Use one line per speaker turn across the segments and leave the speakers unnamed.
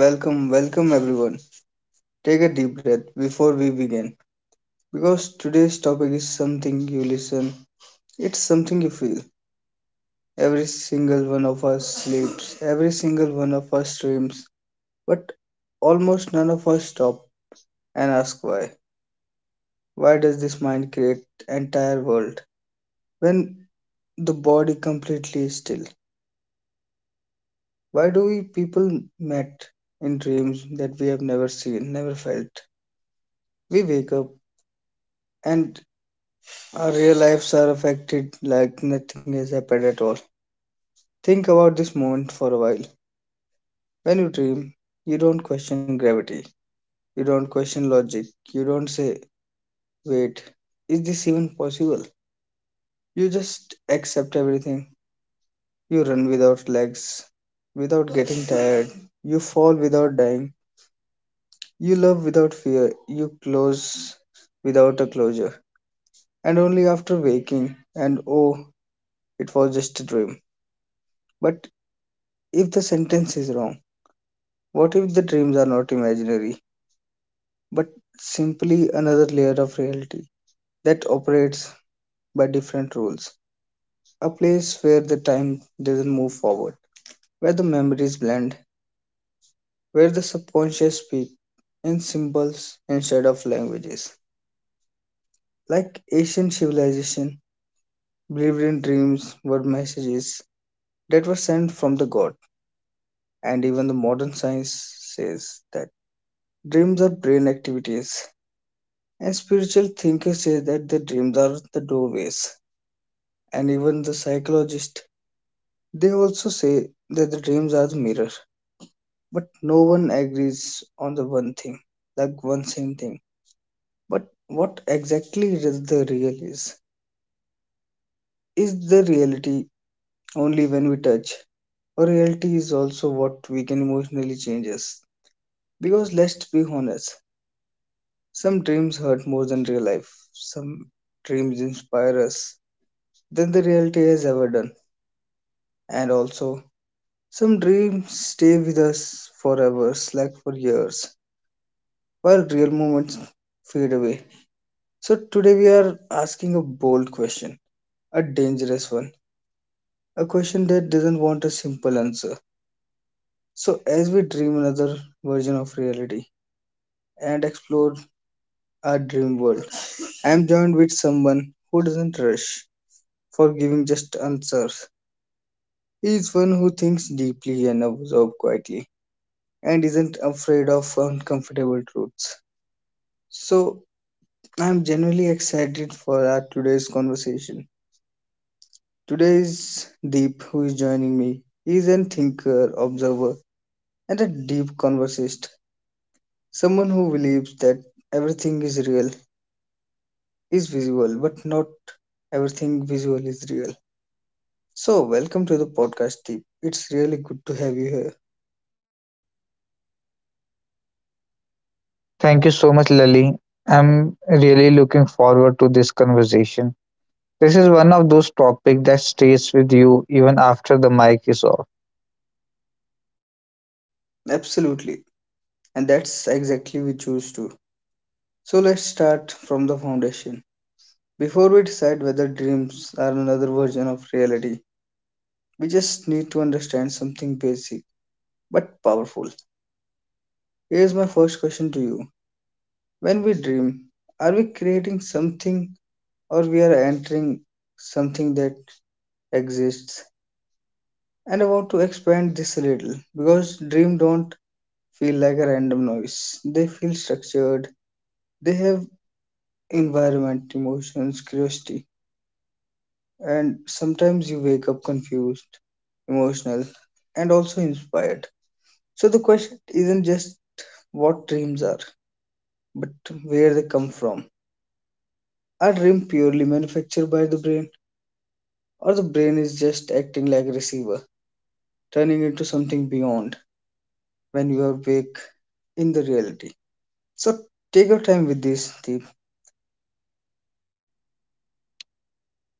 Welcome, welcome everyone. Take a deep breath before we begin because today's topic is something you listen, it's something you feel. Every single one of us sleeps, every single one of us dreams, but almost none of us stop and ask why. Why does this mind create entire world when the body completely is still? Why do we people met in dreams that we have never seen, never felt? We wake up and our real lives are affected like nothing has happened at all. Think about this moment for a while. When you dream, you don't question gravity, you don't question logic, you don't say, wait, is this even possible? You just accept everything. You run without legs, without getting tired, you fall without dying, you love without fear, you close without a closure. And only after waking, and oh, it was just a dream. But if the sentence is wrong, what if the dreams are not imaginary, but simply another layer of reality that operates by different rules? A place where the time doesn't move forward, where the memories blend, where the subconscious speaks in symbols instead of languages. Like ancient civilization believed in dreams were messages that were sent from the god, and even the modern science says that dreams are brain activities. And spiritual thinkers say that the dreams are the doorways. And even the psychologists, they also say that the dreams are the mirror. But no one agrees on the one thing, like one same thing. But what exactly is the real is? Is the reality only when we touch? Or reality is also what we can emotionally change us? Because let's be honest, some dreams hurt more than real life. Some dreams inspire us than the reality has ever done, and also some dreams stay with us forever, like for years, while real moments fade away. So today we are asking a bold question, a dangerous one, a question that doesn't want a simple answer. So, as we dream another version of reality and explore our dream world, I am joined with someone who doesn't rush for giving just answers. He is one who thinks deeply and observes quietly and isn't afraid of uncomfortable truths. So I'm genuinely excited for our today's conversation. Today's Deep, who is joining me, he is a thinker, observer, and a deep conversist. Someone who believes that everything is real, is visible, but not everything visual is real. So, welcome to the podcast, Deep. It's really good to have you here.
Thank you so much, Lali. I'm really looking forward to this conversation. This is one of those topics that stays with you even after the mic is off.
Absolutely, and that's exactly we choose to. So let's start from the foundation. Before we decide whether dreams are another version of reality, we just need to understand something basic but powerful. Here's my first question to you. When we dream, are we creating something or we are entering something that exists? And I want to expand this a little because dream don't feel like a random noise. They feel structured. They have environment, emotions, curiosity. And sometimes you wake up confused, emotional, and also inspired. So the question isn't just what dreams are, but where they come from. Are dreams purely manufactured by the brain, or the brain is just acting like a receiver, turning into something beyond when you are awake in the reality? So take your time with this, Deep.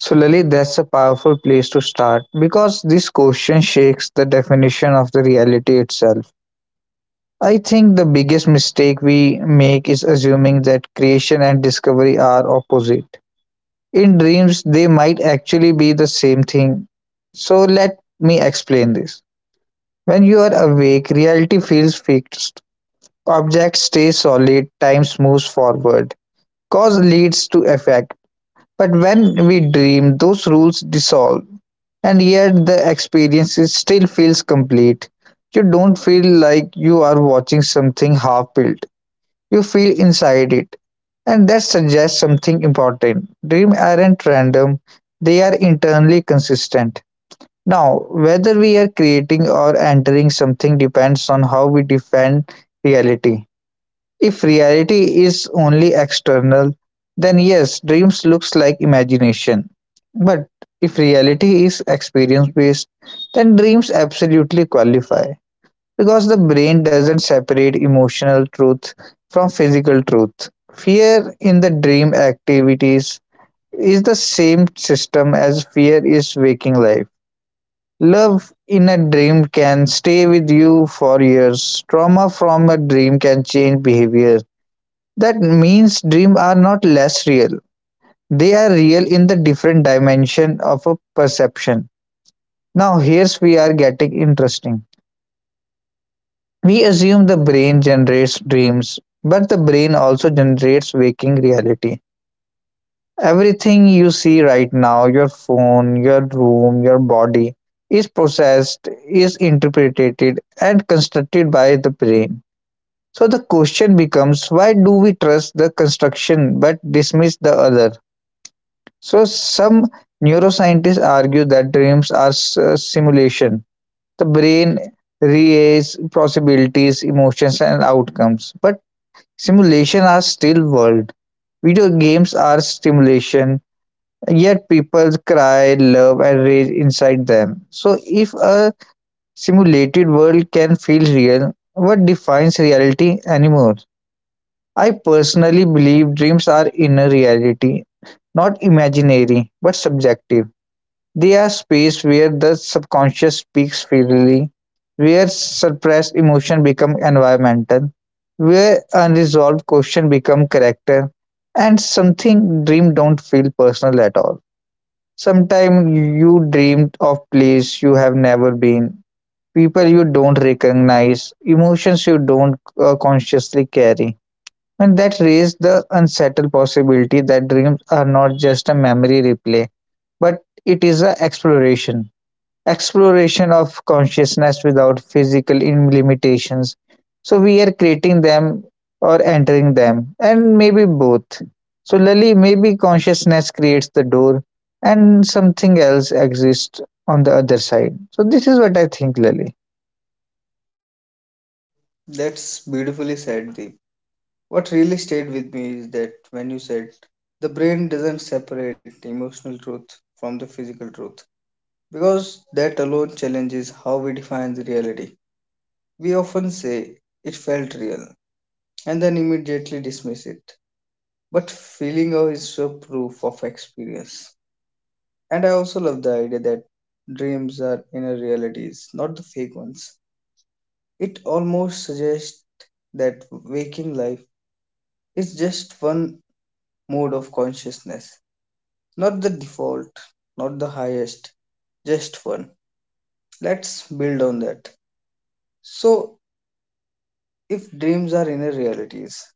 So, Lali, that's a powerful place to start because this question shakes the definition of the reality itself. I think the biggest mistake we make is assuming that creation and discovery are opposite. In dreams, they might actually be the same thing. So, let me explain this. When you are awake, reality feels fixed. Objects stay solid, time moves forward. Cause leads to effect. But when we dream, those rules dissolve, and yet still feels complete. You don't feel like you are watching something half built, you feel inside it. And that suggests something important. Dreams aren't random, they are internally consistent. Now, whether we are creating or entering something depends on how we define reality. If reality is only external, then yes, dreams looks like imagination. But if reality is experience based, then dreams absolutely qualify because the brain doesn't separate emotional truth from physical truth. Fear in the dream activities is the same system as fear is waking life. Love in a dream can stay with you for years. Trauma from a dream can change behavior. That means dreams are not less real. They are real in the different dimension of a perception. Now here's we are getting interesting. We assume the brain generates dreams, but the brain also generates waking reality. Everything you see right now, your phone, your room, your body, is processed, is interpreted, and constructed by the brain. So the question becomes why do we trust the construction but dismiss the other? So some neuroscientists argue that dreams are simulation. The brain raises possibilities, emotions, and outcomes, but simulation are still world. Video games are stimulation, yet people cry, love, and rage inside them. So if a simulated world can feel real, what defines reality anymore? I personally believe dreams are inner reality, not imaginary, but subjective. They are spaces where the subconscious speaks freely, where suppressed emotion become environmental, where unresolved question become character, and something dream don't feel personal at all. Sometimes you dreamed of place you have never been, people you don't recognize, emotions you don't consciously carry. And that raised the unsettled possibility that dreams are not just a memory replay, but it is an exploration of consciousness without physical limitations. So we are creating them or entering them, and maybe both. So Lali, maybe consciousness creates the door, and something else exists on the other side. So this is what I think, Lali.
That's beautifully said, Deep. What really stayed with me is that when you said the brain doesn't separate emotional truth from the physical truth, because that alone challenges how we define the reality. We often say it felt real and then immediately dismiss it, but feeling out is a proof of experience. And I also love the idea that dreams are inner realities, not the fake ones. It almost suggests that waking life is just one mode of consciousness, not the default, not the highest, just one. Let's build on that. So, if dreams are inner realities,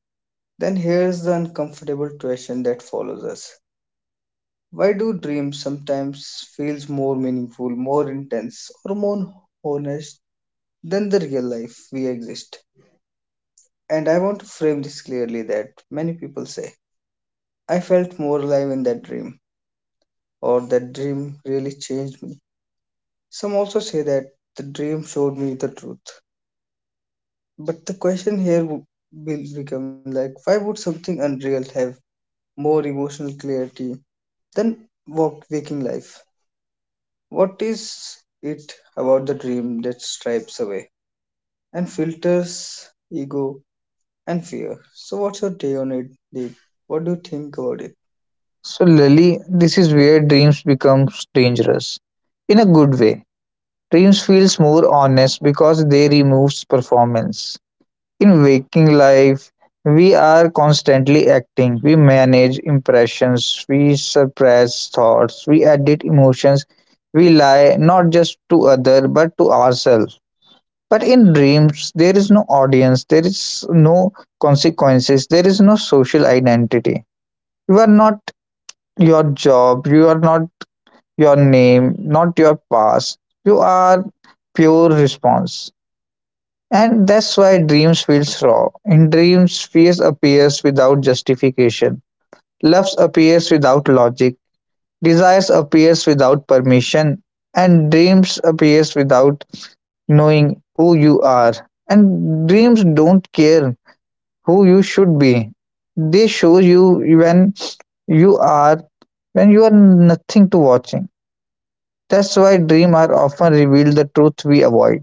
then here's the uncomfortable question that follows us. Why do dreams sometimes feels more meaningful, more intense, or more honest than the real life we exist? And I want to frame this clearly that many people say, I felt more alive in that dream, or that dream really changed me. Some also say that the dream showed me the truth. But the question here will become like, why would something unreal have more emotional clarity than walk waking life? What is it about the dream that stripes away and filters ego and fear? So, what's your take on it, Deep? What do you think about it?
So Lali, this is where dreams becomes dangerous, in a good way. Dreams feels more honest because they removes performance. In waking life, we are constantly acting. We manage impressions, we suppress thoughts, we edit emotions, we lie not just to other but to ourselves. But in dreams, there is no audience, there is no consequences, there is no social identity. You are not your job, you are not your name, not your past. You are pure response. And that's why dreams feels raw. In dreams, fears appears without justification. Loves appears without logic. Desires appears without permission. And dreams appears without knowing who you are. And dreams don't care who you should be. They show you you are when you are nothing to watching. That's why dreams are often reveal the truth we avoid.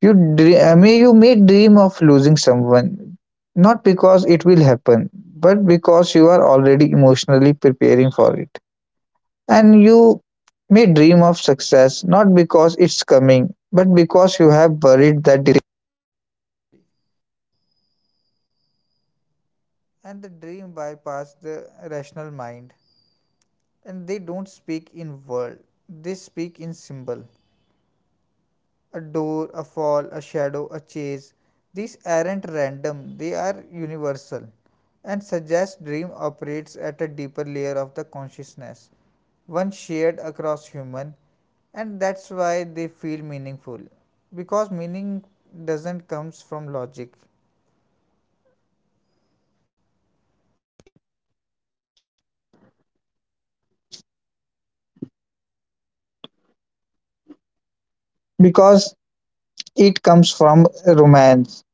You may dream of losing someone, not because it will happen, but because you are already emotionally preparing for it. And you may dream of success, not because it's coming, but because you have buried because it comes from romance,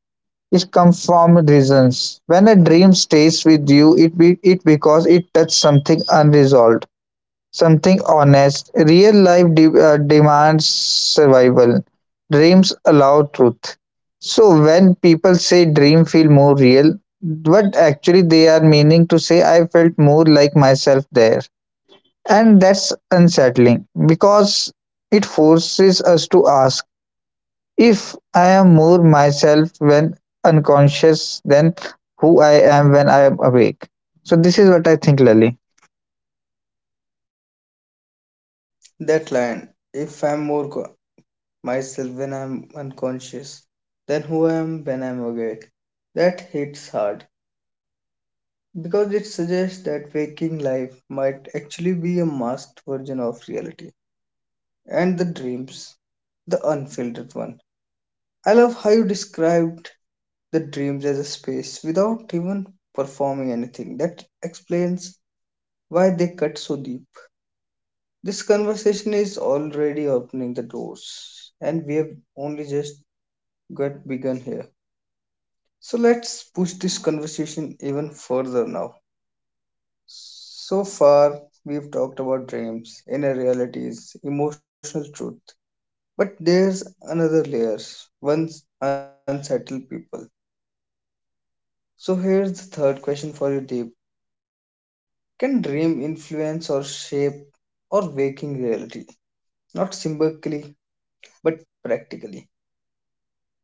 it comes from reasons. When a dream stays with you, it be it because it touched something unresolved, something honest. Real life demands survival. Dreams allow truth. So when people say dream feel more real, what actually they are meaning to say, I felt more like myself there. And that's unsettling because it forces to ask, if I am more myself when unconscious than who I am when I am awake. So this is what I think, Lily.
That line, if I'm more myself when I'm unconscious, then who I am when I'm awake, that hits hard because it suggests that waking life might actually be a masked version of reality and the dreams, the unfiltered one. I love how you described that dreams as a space without even performing anything. That explains why they cut so deep. This conversation is already opening the doors, and we have only just got begun here. So let's push this conversation even further now. So far, we've talked about dreams, inner realities, emotional truth. But there's another layer, one unsettled people. So here's the third question for you, Deep. Can dream influence or shape or waking reality? Not symbolically, practically.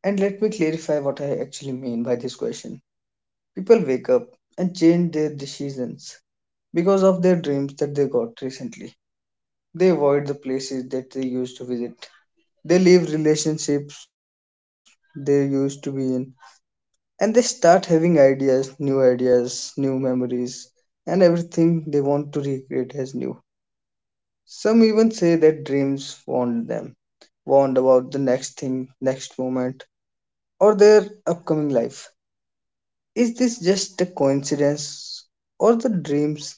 And let me clarify what I actually mean by this question. People wake up and change their decisions because of their dreams that they got recently. They avoid the places that they used to visit. They leave relationships they used to be in. And they start having ideas, new memories, and everything they want to recreate as new. Some even say that dreams warn them, warned about the next thing, next moment, or their upcoming life. Is this just a coincidence, or the dreams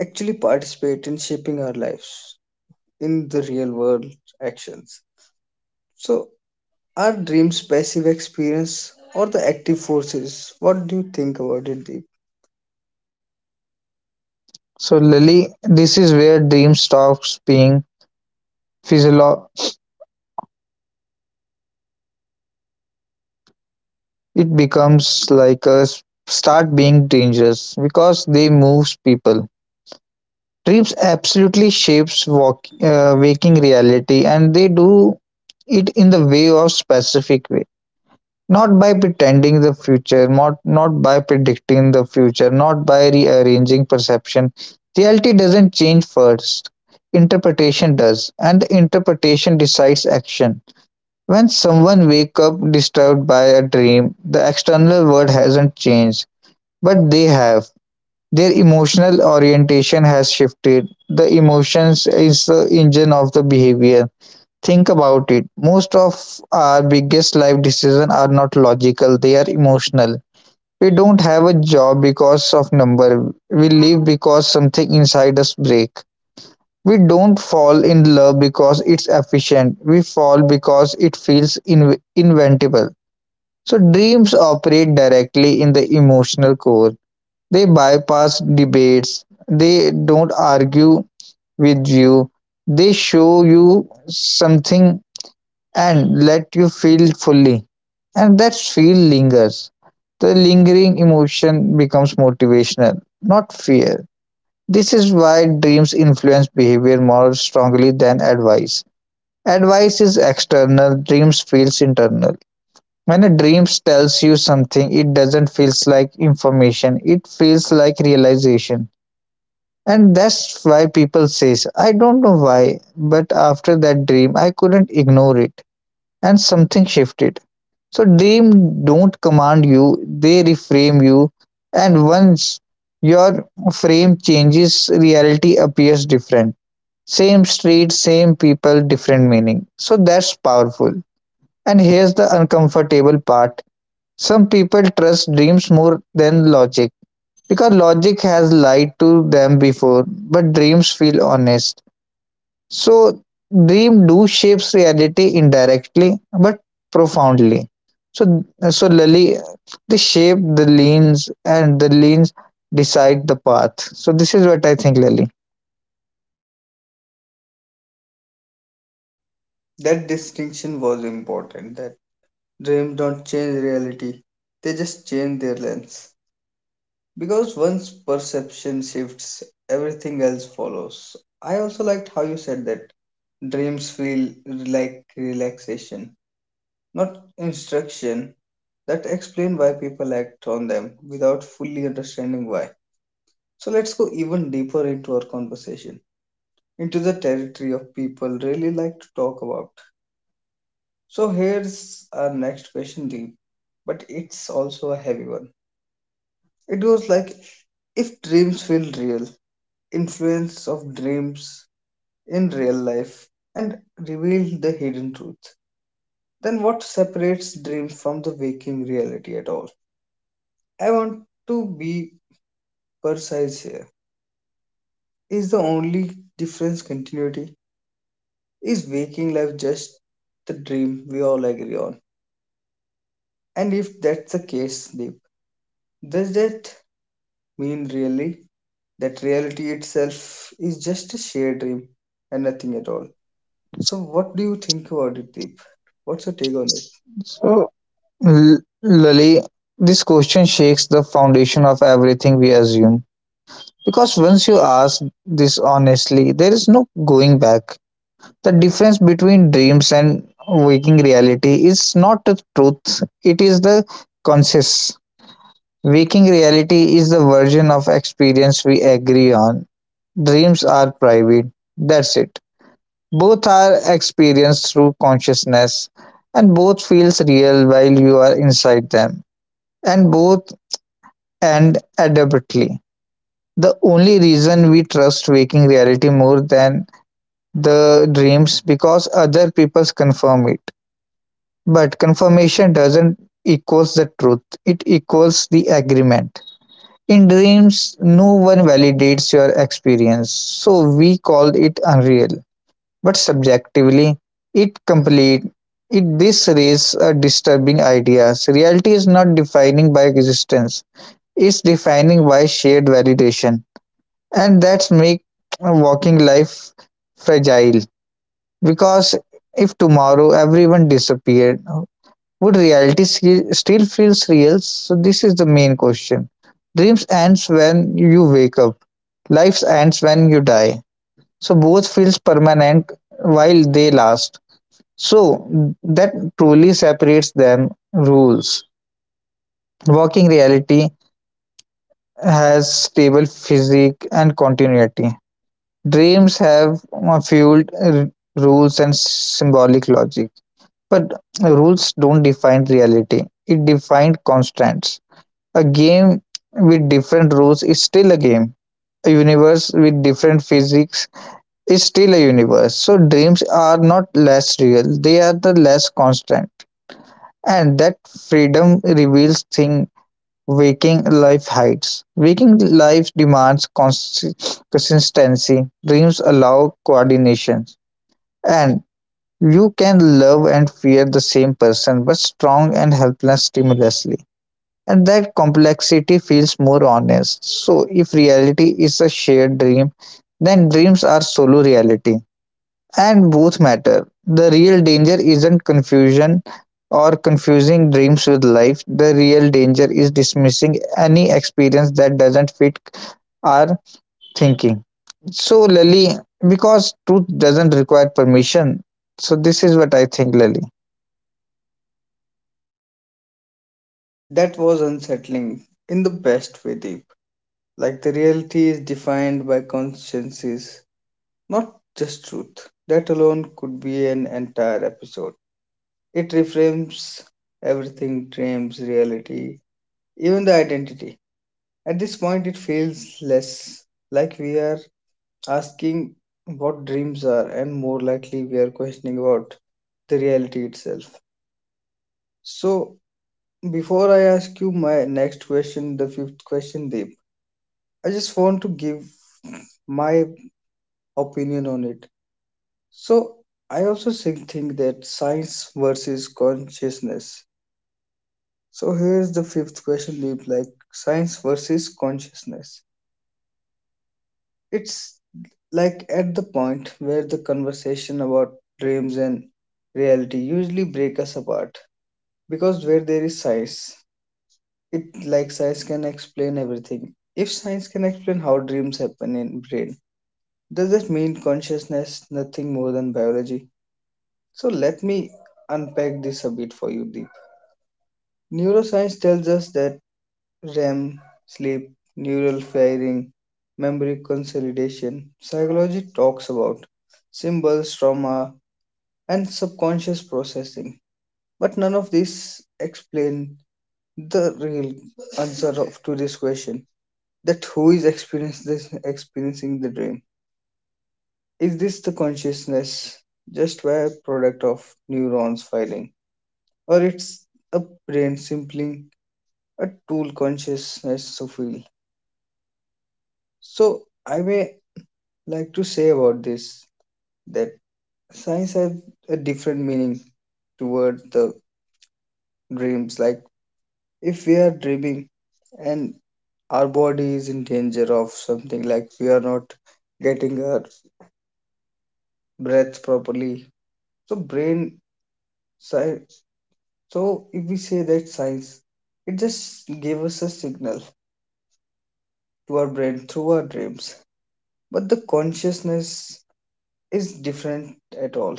actually participate in shaping our lives in the real world actions? So, are dreams passive experience or the active forces? What do you think about it, Deep?
So Lily, this is where dream stops being physiolo. It becomes like start being dangerous because they moves people. Dreams absolutely shapes waking reality, and they do it in the way of specific way. Not by pretending the future, not by predicting the future, not by rearranging perception. Reality doesn't change first. Interpretation does, and the interpretation decides action. When someone wakes up disturbed by a dream, the external world hasn't changed, but they have. Their emotional orientation has shifted. The emotions is the engine of the behavior. Think about it, most of our biggest life decisions are not logical, they are emotional. We don't have a job because of number. We live because something inside us breaks. We don't fall in love because it's efficient. We fall because it feels inventable. So dreams operate directly in the emotional core. They bypass debates. They don't argue with you. They show you something and let you feel fully. And that feel lingers. The lingering emotion becomes motivational, not fear. This is why dreams influence behavior more strongly than advice. Advice is external, dreams feels internal. When a dream tells you something, it doesn't feel like information, it feels like realization. And that's why people say, I don't know why, but after that dream I couldn't ignore it and something shifted. So dream don't command you, they reframe you. And once your frame changes, reality appears different. Same street, same people, different meaning. So that's powerful. And here's the uncomfortable part. Some people trust dreams more than logic because logic has lied to them before, but dreams feel honest. So dream do shapes reality indirectly but profoundly. So so Lali, they shape the lanes and the lanes decide the path. So this is what I think, Lali.
That distinction was important. That dreams don't change reality; they just change their lens. Because once perception shifts, everything else follows. I also liked how you said that dreams feel like relaxation, not instruction. That explain why people act on them without fully understanding why. So let's go even deeper into our conversation, into the territory of people really like to talk about. So here's our next question, Deep, but it's also a heavy one. It goes like, if dreams feel real, influence of dreams in real life and reveal the hidden truth. Then what separates dreams from waking reality at all? I want to be precise here. Is the only difference continuity? Is waking life just the dream we all agree on? And if that's the case, Deep, does that mean really that reality itself is just a shared dream and nothing at all? So, what do you think about it, Deep? What's your take on it?
So Lali, this question shakes the foundation of everything we assume. Because once you ask this honestly, there is no going back. The difference between dreams and waking reality is not the truth, it is the conscious. Waking reality is the version of experience we agree on. Dreams are private. That's it. Both are experienced through consciousness, and both feels real while you are inside them, and both end abruptly. The only reason we trust waking reality more than the dreams because other people confirm it. But confirmation doesn't equals the truth. It equals the agreement. In dreams, no one validates your experience, so we call it unreal. But subjectively, it complete. It this raises a disturbing idea: reality is not defining by existence; it's defining by shared validation, and that's make walking life fragile. Because if tomorrow everyone disappeared, would reality still feels real? So this is the main question. Dreams ends when you wake up. Life ends when you die. So both feels permanent while they last. So that truly separates them rules. Walking reality has stable physique and continuity. Dreams have fueled rules and symbolic logic. But rules don't define reality. It defined constants. A game with different rules is still a game. A universe with different physics is still a universe. So dreams are not less real, they are the less constant. And that freedom reveals thing waking life hides. Waking life demands consistency. Dreams allow coordination. And you can love and fear the same person, but strong and helpless stimulously. And that complexity feels more honest. So, if reality is a shared dream, then dreams are solo reality. And both matter. The real danger isn't confusion or confusing dreams with life. The real danger is dismissing any experience that doesn't fit our thinking. So, Lali, because truth doesn't require permission, so this is what I think, Lali.
That was unsettling in the best way, Deep. Like the reality is defined by consciences, not just truth. That alone could be an entire episode. It reframes everything, dreams, reality, even the identity. At this point, it feels less like we are asking what dreams are, and more likely we are questioning about the reality itself. So, before I ask you my next question, the fifth question, Deep, I just want to give my opinion on it. So, I also think that science versus consciousness. So, here's the fifth question, Deep, like science versus consciousness. It's like at the point where the conversation about dreams and reality usually break us apart because where there is science, it like science can explain everything. If science can explain how dreams happen in brain, does that mean consciousness nothing more than biology? So let me unpack this a bit for you, Deep. Neuroscience tells us that REM, sleep, neural firing, memory consolidation, psychology talks about symbols, trauma, and subconscious processing. But none of these explain the real answer of, to this question, that who is experiencing this, experiencing the dream. Is this the consciousness just a product of neurons filing, or it's a brain simply a tool consciousness to feel? So I may like to say about this that science has a different meaning toward the dreams. Like if we are dreaming and our body is in danger of something, like we are not getting our breath properly, so brain. So, so if we say that science, it just gave us a signal to our brain through our dreams. But the consciousness is different at all.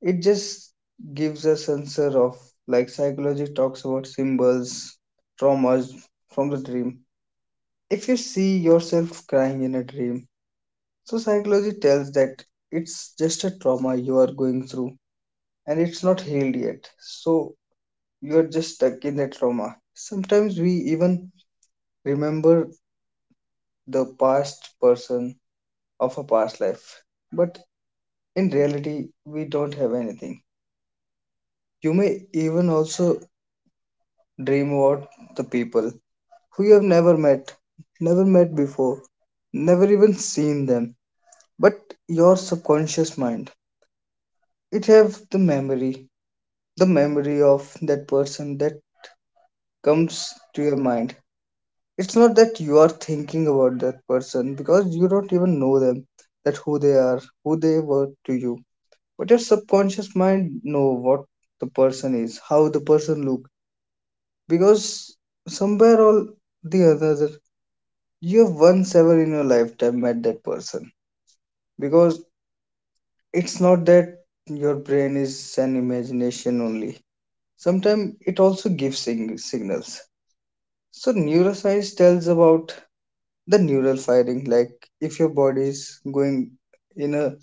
It just gives us answer of, like psychology talks about symbols, traumas from the dream. If you see yourself crying in a dream, so psychology tells that it's just a trauma you are going through and it's not healed yet. So you are just stuck in that trauma. Sometimes we even remember the past person of a past life, but in reality we don't have anything. You may even also dream about the people who you have never met, never met before, never even seen them, but your subconscious mind, it have the memory, the memory of that person that comes to your mind. It's not that you are thinking about that person because you don't even know them, that who they are, who they were to you, but your subconscious mind know what the person is, how the person look, because somewhere or the other you have once ever in your lifetime met that person. Because it's not that your brain is an imagination only. Sometimes it also gives signals. So neuroscience tells about the neural firing, like if your body is going in a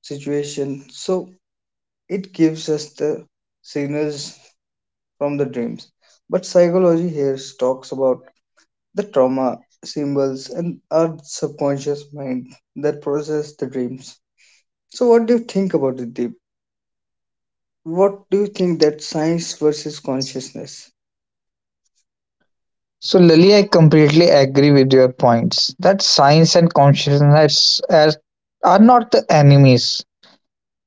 situation, so it gives us the signals from the dreams. But psychology here talks about the trauma, symbols, and our subconscious mind that process the dreams. So, what do you think about it, Deep? What do you think that science versus consciousness?
So, Lali, I completely agree with your points that science and consciousness are not the enemies,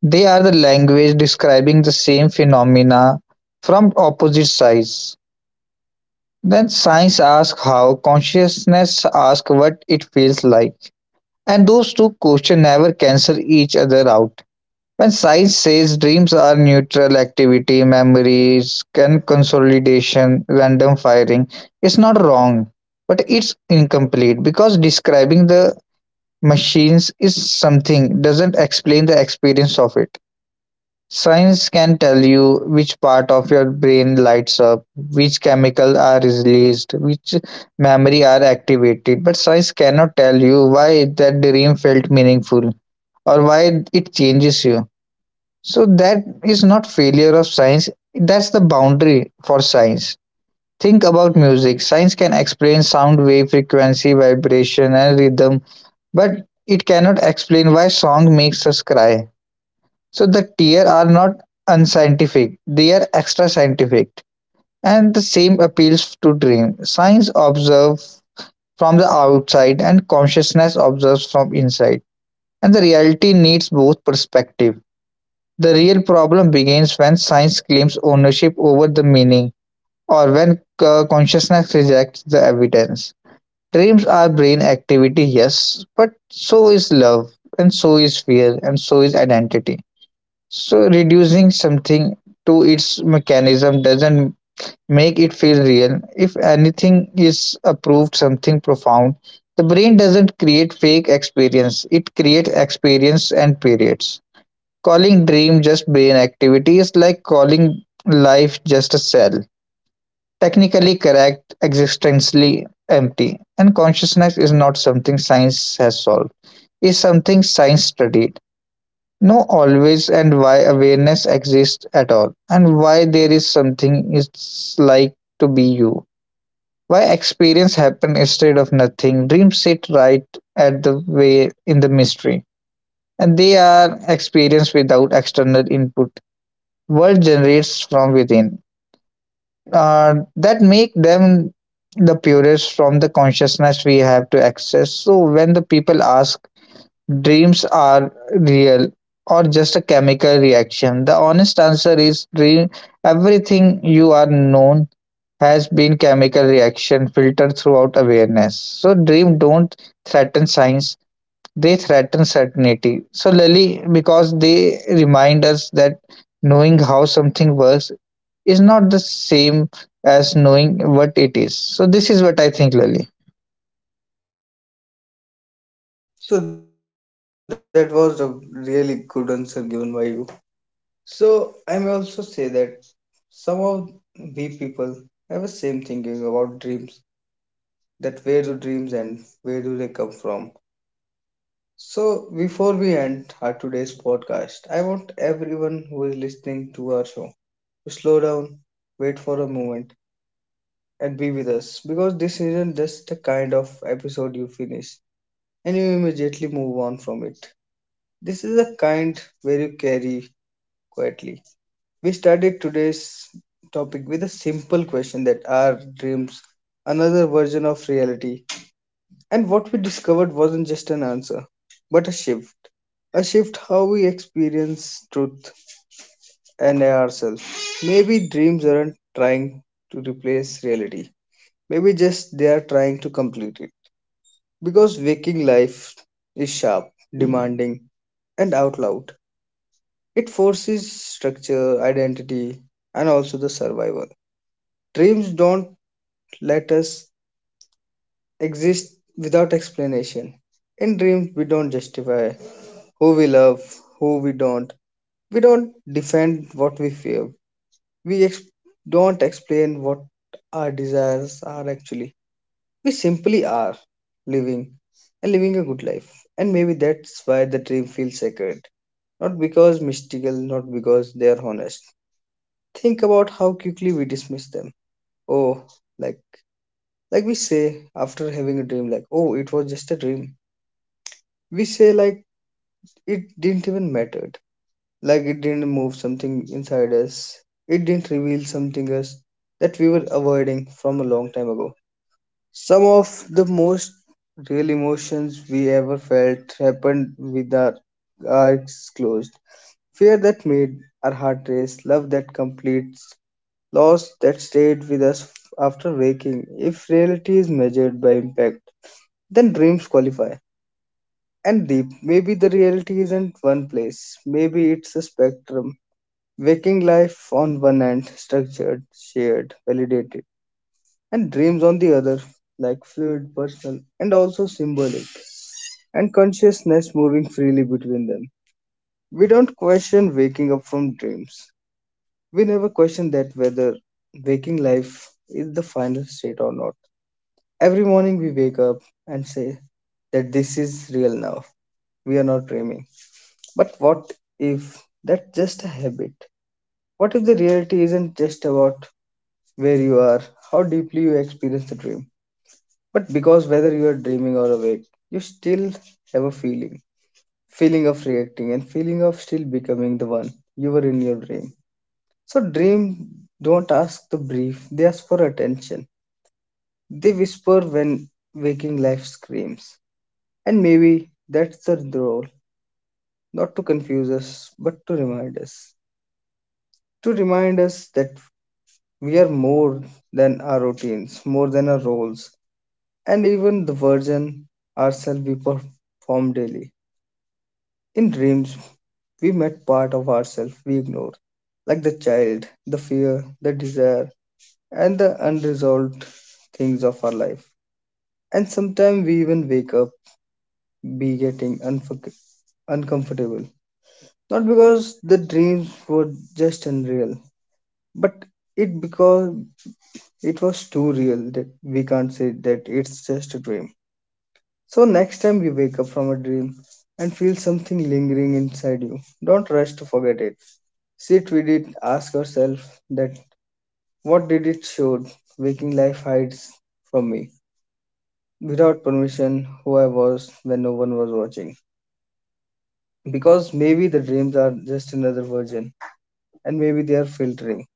they are the language describing the same phenomena from opposite sides. Then science asks how, consciousness asks what it feels like, and those two questions never cancel each other out. When science says dreams are neutral activity, memories, can consolidation, random firing, it's not wrong, but it's incomplete because describing the machines is something doesn't explain the experience of it. Science can tell you which part of your brain lights up, which chemicals are released, which memory are activated, but science cannot tell you why that dream felt meaningful or why it changes you. So that is not failure of science, that's the boundary for science. Think about music. Science can explain sound wave frequency, vibration and rhythm, but it cannot explain why song makes us cry. So the tier are not unscientific, they are extra scientific. And the same appeals to dream. Science observes from the outside and consciousness observes from inside. And the reality needs both perspective. The real problem begins when science claims ownership over the meaning or when consciousness rejects the evidence. Dreams are brain activity, yes, but so is love, and so is fear, and so is identity. So reducing something to its mechanism doesn't make it feel real. If anything is approved something profound, the brain doesn't create fake experience. It creates experience and periods. Calling dream just brain activity is like calling life just a cell. Technically correct, existentially empty. And consciousness is not something science has solved. It's something science studied know always, and why awareness exists at all, and why there is something it's like to be you, why experience happen instead of nothing. Dreams sit right at the way in the mystery, and they are experienced without external input. World generates from within. That make them the purest from the consciousness we have to access. So when the people ask, dreams are real or just a chemical reaction? The honest answer is dream everything you are known has been chemical reaction filtered throughout awareness. So dream don't threaten science, they threaten certainty. So Lily, because they remind us that knowing how something works is not the same as knowing what it is. So this is what I think, Lily.
So that was a really good answer given by you. So I may also say that some of we people have the same thinking about dreams, that where do dreams end, where do they come from. So before we end our today's podcast, I want everyone who is listening to our show to slow down, wait for a moment, and be with us, because this isn't just the kind of episode you finish and you immediately move on from it. This is a kind where you carry quietly. We started today's topic with a simple question, that are dreams another version of reality? And what we discovered wasn't just an answer, but a shift. A shift how we experience truth and ourselves. Maybe dreams aren't trying to replace reality. Maybe just they are trying to complete it. Because waking life is sharp, demanding, and out loud. It forces structure, identity, and also the survival. Dreams don't let us exist without explanation. In dreams, we don't justify who we love, who we don't. We don't defend what we fear. We ex- don't explain what our desires are actually. We simply are living and living a good life. And maybe that's why the dream feels sacred. Not because mystical, not because they are honest. Think about how quickly we dismiss them. Oh, like Like we say after having a dream, like, oh, it was just a dream. We say, like, it didn't even matter. Like, it didn't move something inside us. It didn't reveal something us that we were avoiding from a long time ago. Some of the most real emotions we ever felt happened with our eyes closed. Fear that made our heart race, love that completes, loss that stayed with us after waking. If reality is measured by impact, then dreams qualify. And Deep, maybe the reality isn't one place, maybe it's a spectrum. Waking life on one end, structured, shared, validated, and dreams on the other, like fluid, personal, and also symbolic, and consciousness moving freely between them. We don't question waking up from dreams. We never question that whether waking life is the final state or not. Every morning we wake up and say that this is real now. We are not dreaming. But what if that's just a habit? What if the reality isn't just about where you are, how deeply you experience the dream, but because whether you are dreaming or awake, you still have a feeling of reacting and feeling of still becoming the one you were in your dream. So, dream don't ask the brief, they ask for attention. They whisper when waking life screams. And maybe that's the role, not to confuse us, but to remind us. To remind us that we are more than our routines, more than our roles, and even the version ourselves we perform daily. In dreams, we met part of ourselves we ignore, like the child, the fear, the desire, and the unresolved things of our life. And sometimes we even wake up be getting uncomfortable. Not because the dreams were just unreal, but it because it was too real that we can't say that it's just a dream. So next time you wake up from a dream and feel something lingering inside you, don't rush to forget it. Sit with it, ask yourself that what did it show, waking life hides from me without permission, who I was when no one was watching. Because maybe the dreams are just another version and maybe they are filtering.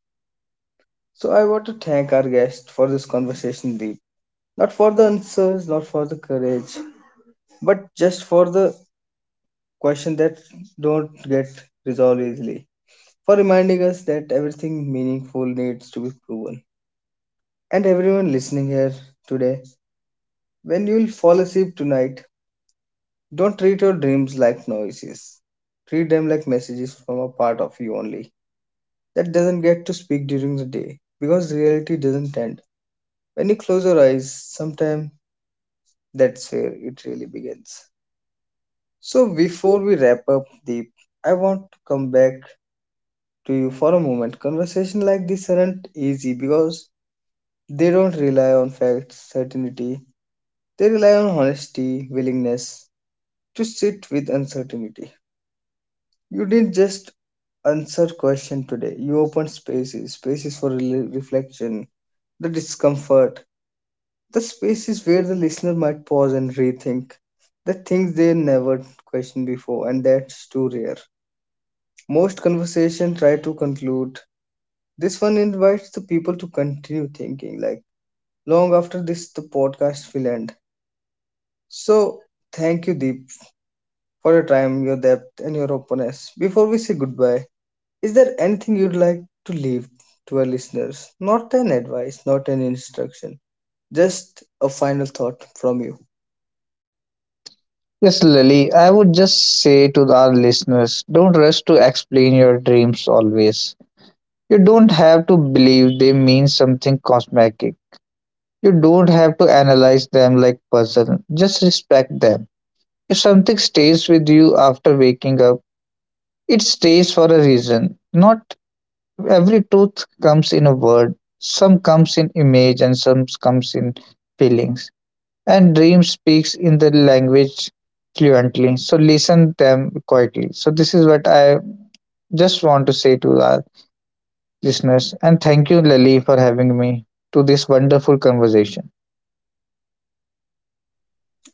So I want to thank our guest for this conversation, Deep. Not for the answers, not for the courage, but just for the question that don't get resolved easily. For reminding us that everything meaningful needs to be proven. And everyone listening here today, when you'll fall asleep tonight, don't treat your dreams like noises. Treat them like messages from a part of you only. That doesn't get to speak during the day, because reality doesn't end. When you close your eyes, sometime that's where it really begins. So, before we wrap up, Deep, I want to come back to you for a moment. Conversation like this aren't easy because they don't rely on facts, certainty. They rely on honesty, willingness to sit with uncertainty. You didn't just answer question today. You opened spaces, spaces for reflection, the discomfort. The space is where the listener might pause and rethink the things they never questioned before, and that's too rare. Most conversations try to conclude. This one invites the people to continue thinking, like long after this, the podcast will end. So, thank you, Deep, for your time, your depth, and your openness. Before we say goodbye, is there anything you'd like to leave to our listeners? Not an advice, not an instruction, just a final thought from you.
Yes, Lily, I would just say to our listeners, don't rush to explain your dreams always. You don't have to believe they mean something cosmetic. You don't have to analyze them like puzzle. Just respect them. If something stays with you after waking up, it stays for a reason. Not every truth comes in a word. Some comes in image and some comes in feelings. And dream speaks in the language fluently, so listen them quietly. So this is what I just want to say to our listeners, and thank you, Lily, for having me to this wonderful conversation.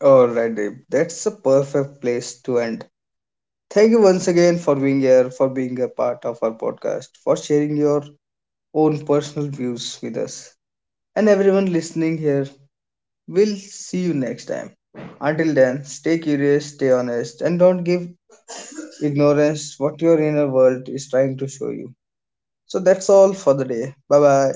Alright, Dave. That's a perfect place to end. Thank you once again for being here, for being a part of our podcast, for sharing your own personal views with us. And everyone listening here, we'll see you next time. Until then, stay curious, stay honest, and don't give ignorance what your inner world is trying to show you. So that's all for the day. Bye bye.